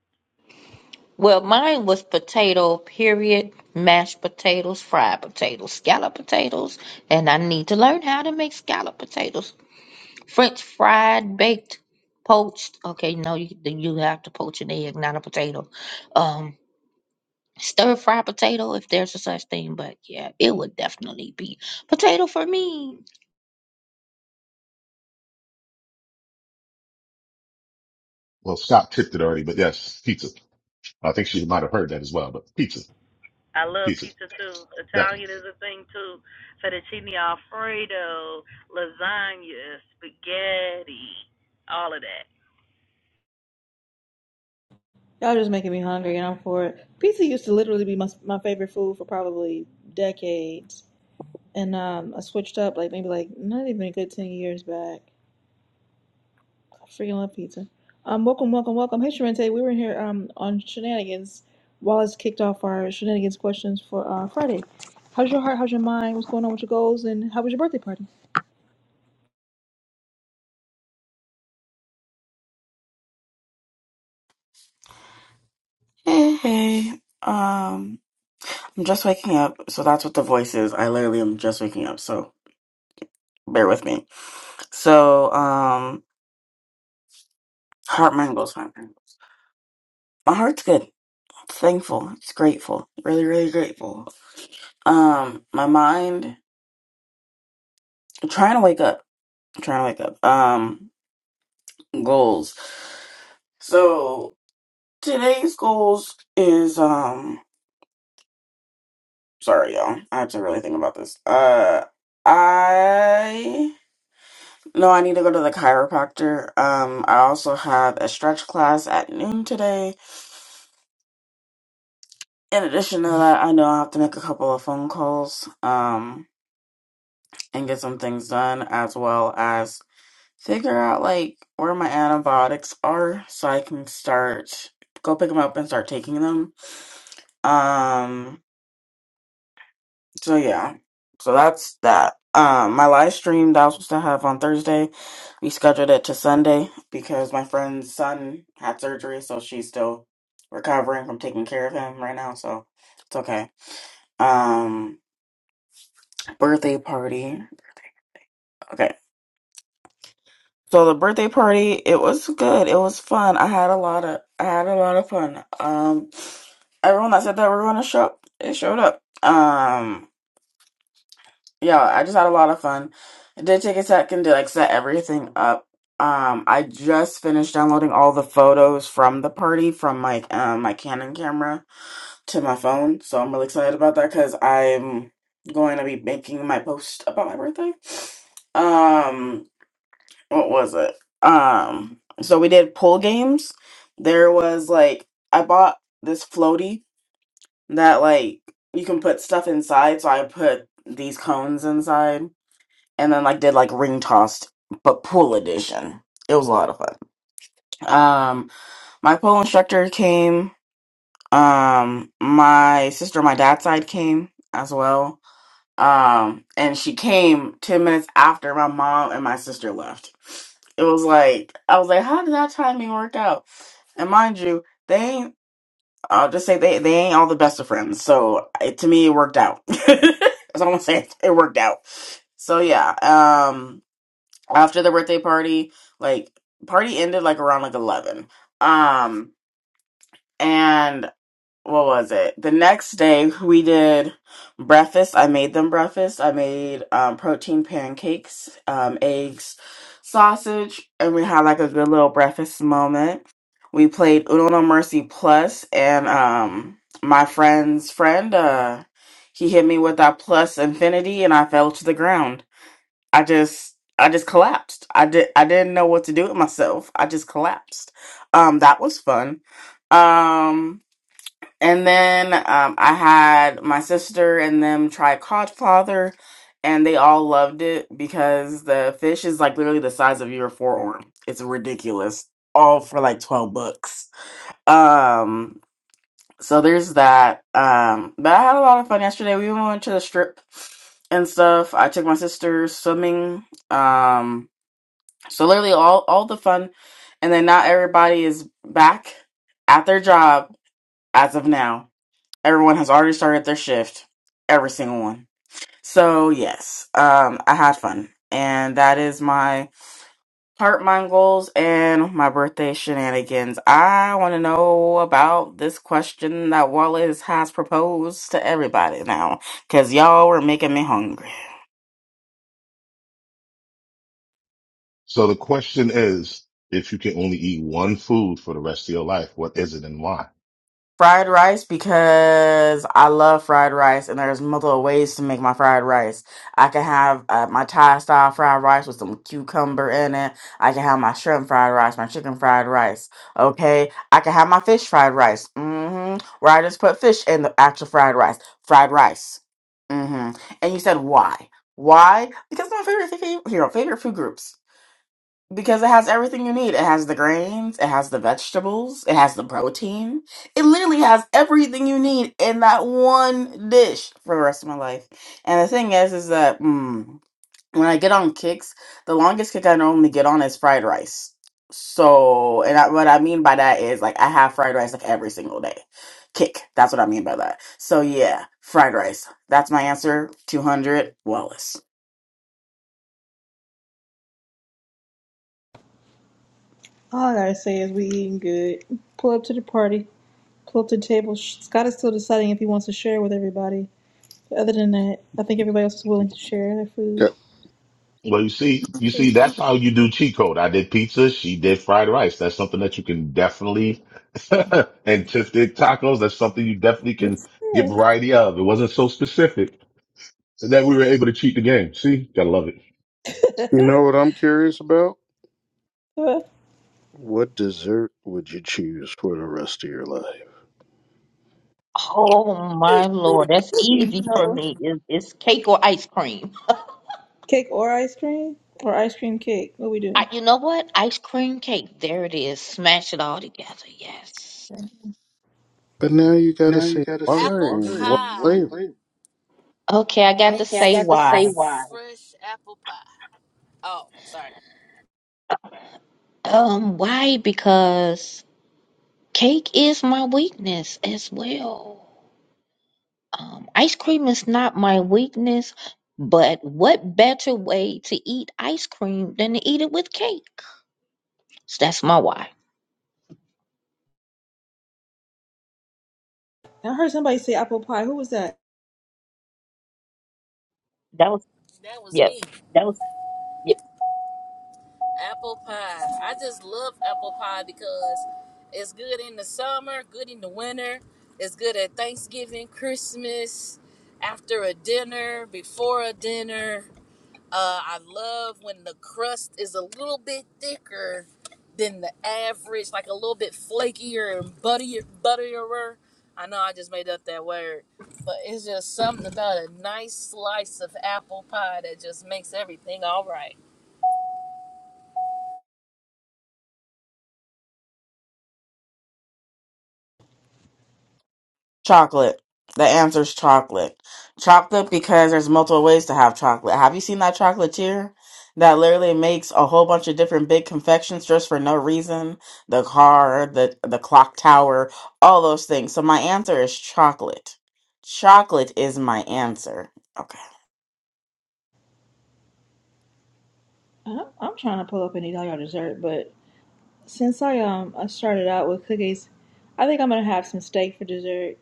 C: Well, mine was potato, period, mashed potatoes, fried potatoes, scallop potatoes, and I need to learn how to make scallop potatoes. French fried, baked, poached. Okay, no, you, you have to poach an egg, not a potato. Um, stir fried potato, if there's a such thing, but yeah, it would definitely be potato for me.
D: Well, Scott tipped it already, but yes, pizza. I think she might have heard that as well, but pizza,
F: I love
D: pizza,
F: pizza too.
D: definitely.
F: Italian is a thing too. Fettuccine Alfredo, lasagna, spaghetti, all of that.
A: Y'all just making me hungry, and I'm for it. Pizza used to literally be my my favorite food for probably decades, and um, I switched up like maybe like not even a good ten years back. I freaking love pizza. Um, welcome, welcome, welcome. Hey, Sharente, we were here um on shenanigans. Wallace kicked off our shenanigans questions for uh, Friday. How's your heart? How's your mind? What's going on with your goals? And how was your birthday party?
G: Hey, hey. Um, I'm just waking up, so that's what the voice is. I literally am just waking up, so bear with me. So, um, heart mangles, heart mangles. My heart's good. It's thankful. It's grateful. Really, really grateful. Um, my mind, I'm trying to wake up. I'm trying to wake up. Um, goals. So today's goals is um, sorry y'all, I have to really think about this. Uh, I No, I need to go to the chiropractor. Um, I also have a stretch class at noon today. In addition to that, I know I have to make a couple of phone calls, um, and get some things done, as well as figure out like where my antibiotics are so I can start go pick them up and start taking them. Um, So yeah, so that's that. Um, my live stream that I was supposed to have on Thursday, we scheduled it to Sunday because my friend's son had surgery, so she's still recovering from taking care of him right now. So it's okay. Um, birthday party. Okay, so the birthday party it was good. It was fun. I had a lot of I had a lot of fun. Um, everyone that said that we are gonna show it showed up. Um. yeah, I just had a lot of fun. I did take a second to like set everything up. Um, I just finished downloading all the photos from the party from my um my Canon camera to my phone, so I'm really excited about that because I'm going to be making my post about my birthday. Um, what was it? Um, so we did pool games. There was like I bought this floaty that like you can put stuff inside, so I put these cones inside and then like, did like ring tossed, but pool edition. It was a lot of fun. Um, my pool instructor came. Um, my sister, on my dad's side came as well. Um, and she came ten minutes after my mom and my sister left. It was like I was like, how did that timing work out? And mind you, they ain't. I'll just say they they ain't all the best of friends. So it, to me, it worked out. That's all I'm gonna say. It worked out. So yeah. um, after the birthday party like party ended like around like 11 um and what was it the next day we did breakfast i made them breakfast i made um, protein pancakes um, eggs sausage and we had like a good little breakfast moment we played uno no mercy plus and um my friend's friend uh he hit me with that plus infinity and i fell to the ground I just I just collapsed. I did I didn't know what to do with myself. I just collapsed. Um that was fun. Um and then um I had my sister and them try Codfather and they all loved it because the fish is like literally the size of your forearm. It's ridiculous. All for like 12 bucks. Um so there's that. Um, but I had a lot of fun yesterday. We went to the strip and stuff. I took my sister swimming. Um, so literally all all the fun. And then now everybody is back at their job as of now. Everyone has already started their shift. Every single one. So yes, um, I had fun, and that is my Heart mind, goals and my birthday shenanigans. I want to know about this question that Wallace has proposed to everybody now, because y'all were making me hungry.
D: So the question is, if you can only eat one food for the rest of your life, what is it and why?
G: fried rice because I love fried rice, and there's multiple ways to make my fried rice. I can have uh, my Thai style fried rice with some cucumber in it. I can have my shrimp fried rice, my chicken fried rice. Okay, I can have my fish fried rice. hmm Where I just put fish in the actual fried rice. Fried rice. Mm hmm And you said why? Why? Because my favorite thing, you know, favorite food groups. Because it has everything you need. It has the grains, it has the vegetables, it has the protein. It literally has everything you need in that one dish for the rest of my life. And the thing is, is that mm, when I get on kicks, the longest kick I normally get on is fried rice. So, and I, what I mean by that is like I have fried rice like every single day. Kick. That's what I mean by that. So yeah, fried rice. That's my answer. 200 Wallace.
A: All I gotta say is we eating good. Pull up to the party. Pull up to the table. Sh- Scott is still deciding if he wants to share with everybody Other than that, I think everybody else was willing to share their food.
B: Yeah.
D: Well, you see, you see, that's how you do cheat code. I did pizza. She did fried rice. That's something that you can definitely, and Tiff did tacos. That's something you definitely can
A: That's
D: get
A: it.
D: variety of. It wasn't so specific that we were able to cheat the game. See, gotta love it.
B: You know what I'm curious about?
A: Well,
B: What dessert would you choose for the rest of your life?
C: Oh my lord, that's
A: you
C: easy for
A: know,
C: me. It, it's cake or ice cream.
A: cake or ice cream or ice cream cake. What we doing?
C: I, you know what? Ice cream cake. There it is. Smash it all together. Yes.
B: But now you gotta
F: Now you
B: say
F: gotta say
B: why.
F: Apple why what
B: What
F: pie.
B: flavor?
F: flavor.
C: Okay, I got to
F: Okay, I Nice,
C: say
F: got to say
C: why.
F: why. fresh apple pie. Oh, sorry.
C: Um, why? Because cake is my weakness as well. Um, ice cream is not my weakness, but what better way to eat ice cream than to eat it with cake? So that's my why.
A: I heard somebody say apple pie. Who was that?
C: That was,
F: That was
C: yep.
F: me. Apple pie. I just love apple pie because it's good in the summer, good in the winter, it's good at Thanksgiving, Christmas, after a dinner, before a dinner. Uh, I love when the crust is a little bit thicker than the average, like a little bit flakier and buttier, butterier. I know I just made up that word, but it's just something about a nice slice of apple pie that just makes everything all right.
G: Chocolate. The answer's chocolate. Chocolate because there's multiple ways to have chocolate. Have you seen that chocolatier that literally makes a whole bunch of different big confections just for no reason? The car, the the clock tower, all those things. So my answer is chocolate. Chocolate is my answer. Okay.
A: I- I'm trying to pull up and eat all y'all dessert, but since I um I started out with cookies, I think I'm gonna have some steak for dessert.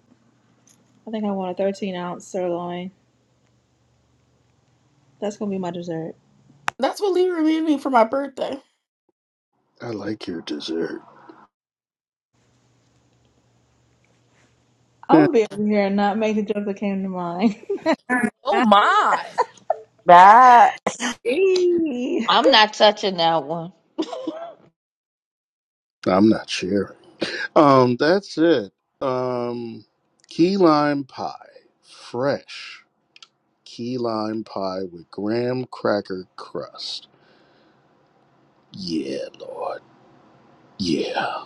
A: I think I want a 13 ounce sirloin. That's gonna be my dessert.
G: That's what Libra made me for my birthday.
B: I like your dessert.
A: I'm
B: Yeah,
A: gonna be over here and not make the joke that came to mind.
F: Oh my!
G: That
A: Hi.
C: I'm not touching that one.
B: I'm not sharing. Um, that's it. Um, key lime pie, fresh key lime pie with graham cracker crust. Yeah, Lord. Yeah.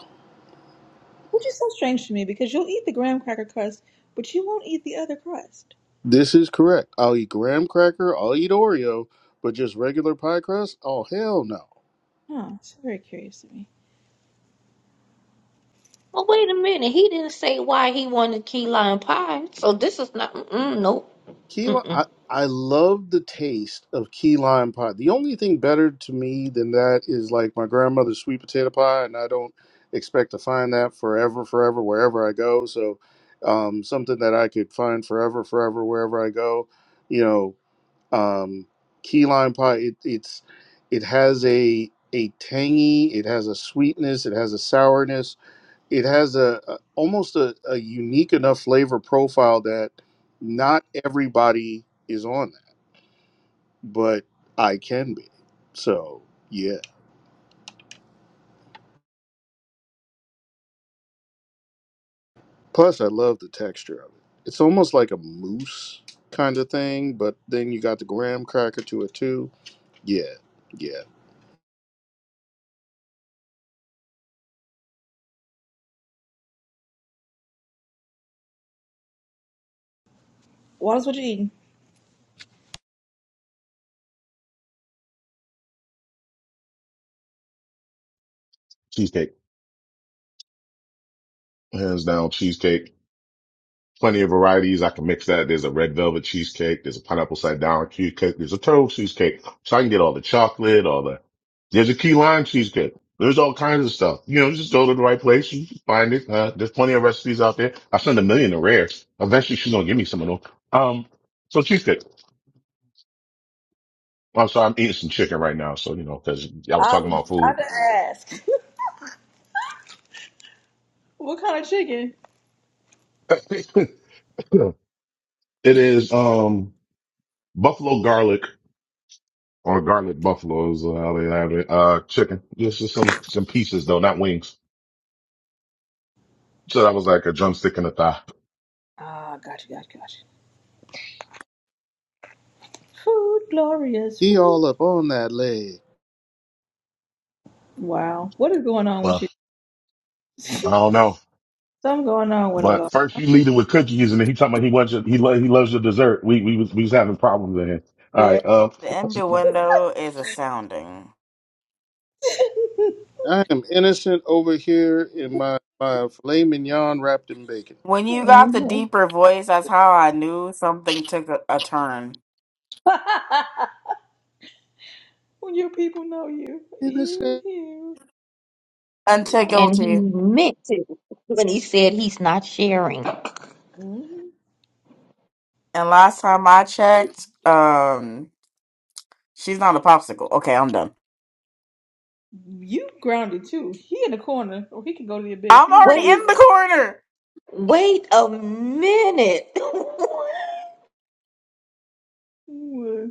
A: Which is so strange to me because you'll eat the graham cracker crust, but you won't eat the other crust.
B: This is correct. I'll eat graham cracker. I'll eat Oreo, but just regular pie crust? Oh hell no.
A: Huh, it's very curious to me.
C: Well, wait a minute. He didn't say why he wanted key lime pie. So this is not. Mm, nope.
B: Key lime,
C: Mm-mm.
B: I, I love the taste of key lime pie. The only thing better to me than that is like my grandmother's sweet potato pie, and I don't expect to find that forever, forever, wherever I go. So, um, something that I could find forever, forever, wherever I go, you know, um, key lime pie. It, it's it has a a tangy, it has a sweetness, it has a sourness it has a, a almost a, a unique enough flavor profile that not everybody is on it, but I can be. So yeah. Plus, I love the texture of it. It's almost like a mousse kind of thing, but then you got the graham cracker to it too. Yeah, yeah.
A: Wallace, what you eating?
D: Cheesecake. Hands down, cheesecake. Plenty of varieties. I can mix that. There's a red velvet cheesecake. There's a pineapple side down cheesecake. There's a turtle cheesecake. So I can get all the chocolate, all the, there's a key lime cheesecake. There's all kinds of stuff. You know, just go to the right place. You can find it. Uh, there's plenty of recipes out there. I sent a million to Rare. Eventually she's going to give me some of them. Um, so cheesecake. I'm sorry. I'm eating some chicken right now. So, you know, cause I was
A: I
D: talking
A: was
D: about food.
A: about to ask. what kind of chicken?
D: it is, um, buffalo garlic or garlic buffaloes, uh, how they have it. Uh, chicken. Just, just some, some pieces though, not wings. So that was like a drumstick and a thigh.
A: Ah, gotcha, gotcha, gotcha. Food, glorious
B: He
A: food.
B: all up on that leg.
A: Wow, what is going on with
D: Well,
A: you?
D: I
A: Something
D: don't know.
A: going on with them,
D: But
A: Lord.
D: first you lead it with cookies and then he talking about he wants your, he, lo- he loves your dessert. We, we was, we was having problems in here. All
A: Yeah.
D: right.
G: the
D: Um,
G: innuendo is a sounding.
B: I am innocent over here in my my filet mignon wrapped in bacon.
G: When you got the
A: Mhm.
G: deeper voice, that's how I knew something took a, a turn.
A: when your people know you, you
B: Innocent.
A: hear
G: until
A: lies.
C: And he
G: guilty.
C: meant to when he said he's not sharing.
A: Mhm.
G: And last time I checked, um, she's not a popsicle. Okay, I'm done.
A: You grounded too. He in the corner, or he can go to the abyss.
G: I'm
A: You in the
G: already
A: corner
G: in
A: for
G: the
C: Wait,
A: that.
G: corner.
C: wait a minute.
A: Well,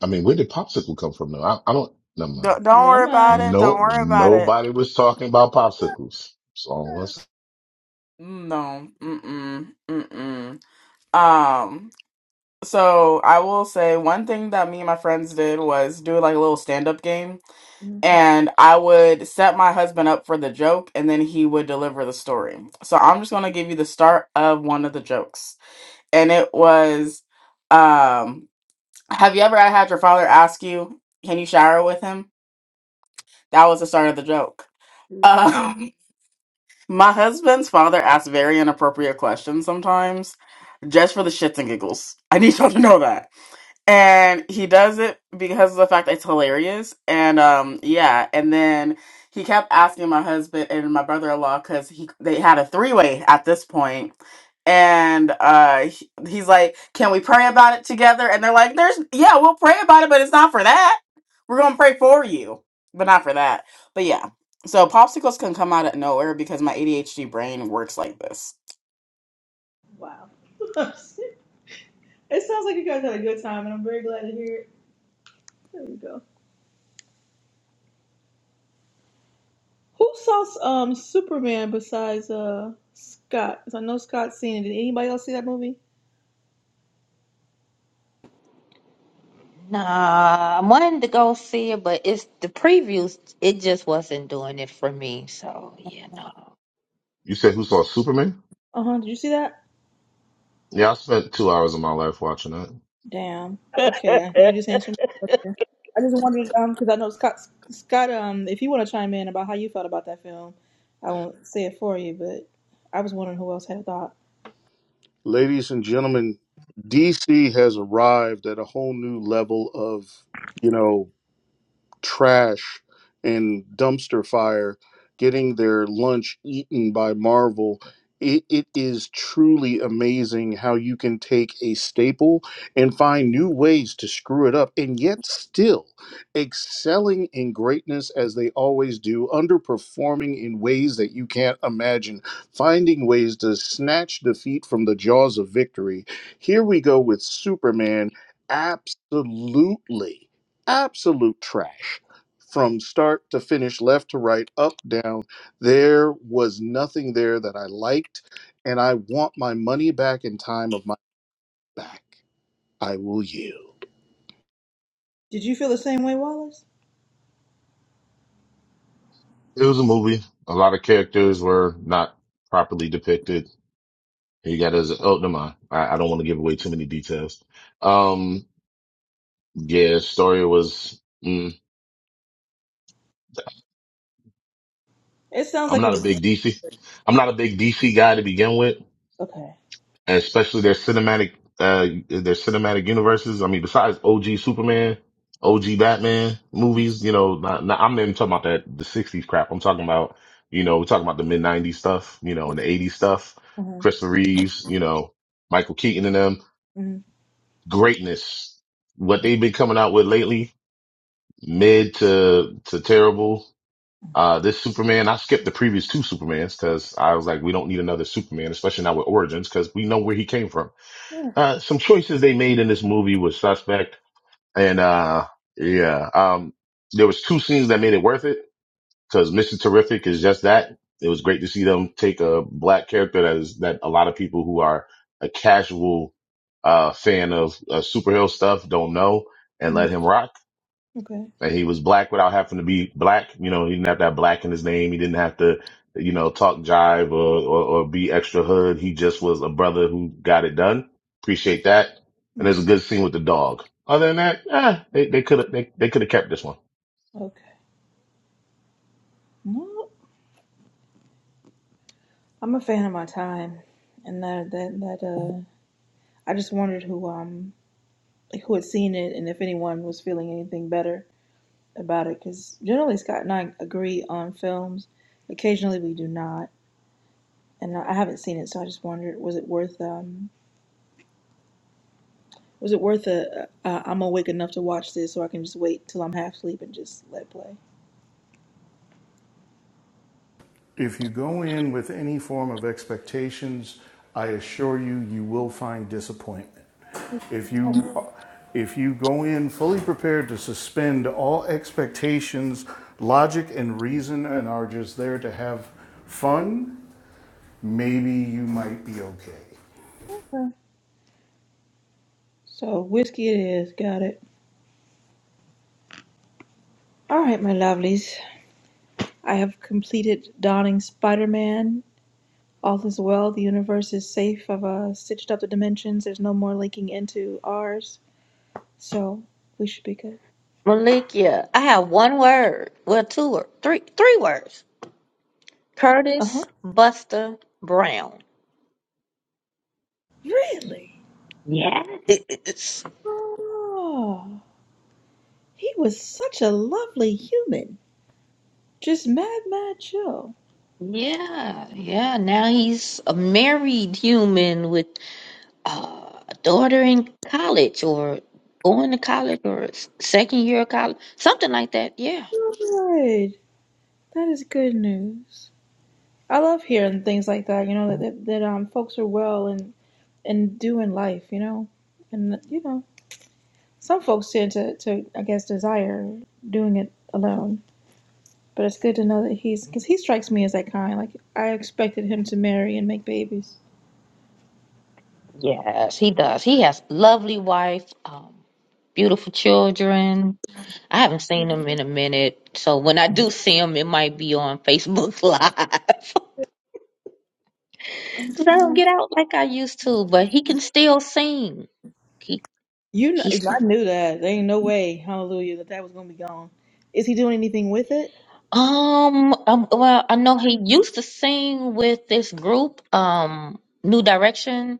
D: I mean, where did popsicle come from though? I, I don't, never mind.
G: D- don't
A: Never
G: worry about
A: mind.
G: it. Don't
D: No,
G: worry about it.
D: nobody was talking about popsicles. So let's,
G: No. Mm-mm. Mm-mm. Um. So I will say one thing that me and my friends did was do like a little stand-up game,
A: Mhm.
G: and I would set my husband up for the joke, and then he would deliver the story. So I'm just gonna give you the start of one of the jokes, and it was, um, Have you ever had your father ask you, "Can you shower with him?" That was the start of the joke.
A: Jesus.
G: Um, my husband's father asks very inappropriate questions sometimes, just for the shits and giggles. I need y'all to know that and he does it because of the fact that it's hilarious and um yeah and then he kept asking my husband and my brother-in-law because he they had a three-way at this point and uh he- he's like can we pray about it together and they're like there's yeah we'll pray about it but it's not for that we're gonna pray for you but not for that but yeah so popsicles can come out of nowhere because my adhd brain works like this
A: Wow. it sounds like you guys had a good time, and I'm very glad to hear it. There we go. Who saw um Superman besides uh Scott? 'Cause I know Scott's seen it. Did anybody else see that movie?
C: nah, I wanted to go see it, but it's the previews. It just wasn't doing it for me. So you know,
D: you said who saw Superman?
A: Uh huh. Did you see that?
D: Yeah, I spent two hours of my life watching that.
A: Damn. Okay, I- you just answered my question. I just wondered um because I know Scott Scott um if you want to chime in about how you felt about that film, I won't say it for you, but I was wondering who else had a thought.
B: Ladies and gentlemen, DC has arrived at a whole new level of, you know, trash and dumpster fire getting their lunch eaten by Marvel. It, it is truly amazing how you can take a staple and find new ways to screw it up and yet still excelling in greatness as they always do, underperforming in ways that you can't imagine, finding ways to snatch defeat from the jaws of victory. Here we go with Superman. Absolutely, absolute trash from start to finish, left to right, up, down. There was nothing there that I liked, and I want my money back in time of my back. I will yield.
A: Did you feel the same way, Wallace?
D: It was a movie. A lot of characters were not properly depicted. You got his oh never mind. I, I don't want to give away too many details. Um, yeah, story was. Mm,
A: It sounds
D: I'm
A: like it
D: not a
A: was.
D: big DC. I'm not a big DC guy to begin with.
A: Okay.
D: especially their cinematic uh their cinematic universes. I mean, besides OG Superman, OG Batman movies, you know, not, not, I'm not even talking about that the '60s crap. I'm talking about you know we're talking about the mid '90s stuff, you know, and the '80s stuff.
A: Uh-huh.
D: Christopher Reeves, you know, Michael Keaton and them
A: hmm
D: greatness. What they've been coming out with lately, mid to to terrible. Uh, this Superman, I skipped the previous two Supermans because I was like, we don't need another Superman, especially not with Origins, because we know where he came from
A: Yeah.
D: uh, some choices they made in this movie was suspect, and uh, yeah, um, there was two scenes that made it worth it because Mr. Terrific is just that. It was great to see them take a black character that is that a lot of people who are a casual uh fan of uh, superhero stuff don't know and
A: hmm
D: let him rock.
A: Okay.
D: Like, he was black without having to be black. You know, he didn't have that black in his name. He didn't have to, you know, talk jive or, or, or be extra hood. He just was a brother who got it done. Appreciate that. And there's a
A: Okay.
D: good scene with the dog. Other than that, eh, they, they could have, they, they could have kept this one.
A: Okay. No, I'm a fan of my time, and that that that uh, I just wondered who um like who had seen it and if anyone was feeling anything better. about it because generally Scott and I agree on films. Occasionally we do not, and I haven't seen it, so I just wondered was it worth um was it worth i a uh, I'm awake enough to watch this, so I can just wait till I'm half asleep and just let play.
B: If you go in with any form of expectations, I assure you, you will find disappointment. If you if you go in fully prepared to suspend all expectations, logic and reason, and are just there to have fun, maybe you might be okay.
A: Huh. So whiskey it is. Got it. All right, my lovelies. I have completed donning Spider-Man. All is well. The universe is safe. I've uh, stitched up the dimensions. There's no more linking into ours, so we should be good.
C: Malikia, I have one word. Well, two or three, three words.
A: Uh huh.
C: Curtis Buster Brown.
A: Really?
C: Yes.
A: Oh, he was such a lovely human. Just mad, mad chill.
C: Yeah, yeah. Now he's a married human with uh, a daughter in college or going to college or s- second year of college, something like that. Yeah.
A: Good. That is good news. I love hearing things like that. You know that that, that um folks are well and and doing life. You know, and you know some folks tend to to I guess desire doing it alone. But it's good to know that he's because he strikes me as that kind. Like I expected him to marry and make babies.
C: Yes, he does. He has lovely wife, um, beautiful children. I haven't seen him in a minute, so when I do see him, it might be on Facebook Live because I don't get out like I used to. But he can still sing. He
A: You know,
C: he
A: I knew that. There ain't no way, hallelujah, that that was gonna be gone. Is he doing anything with it?
C: Um, um, well, I know he used to sing with this group, um, New Direction.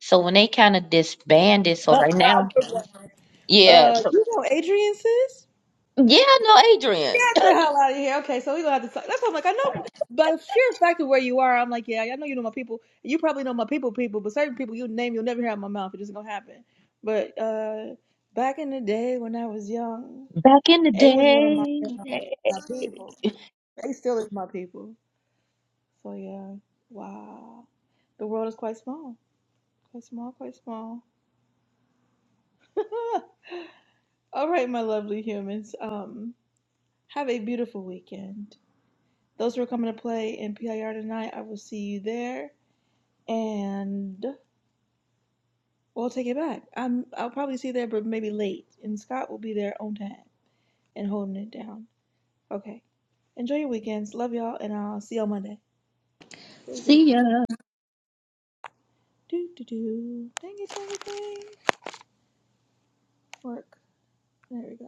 C: So when they kind of disbanded, so
A: Uh,
C: right now, yeah,
A: you know, Adrian says,
C: yeah, I know Adrian.
A: "Get the hell out of here." Okay, so we gonna have to talk. That's why I'm like, I know, by sheer fact of where you are, I'm like, yeah, I know you know my people. You probably know my people, people, but certain people you name, you'll never hear out of my mouth. It just gonna happen. But uh, back in the day when I was young,
C: Back in the
A: A was one of my
C: day,
A: my people. A still is my people. So yeah, wow, the world is quite small. Quite small, quite small. All right, my lovely humans. Um, have a beautiful weekend. Those who are coming to play in PIR tonight, I will see you there, and we'll take it back. I'm I'll probably see you there, but maybe late. And Scott will be there on time and holding it down. Okay. Enjoy your weekends. Love y'all, and I'll see you on Monday. Do
C: see ya.
A: do do. Dang it, dang it, dang. Work. There we go.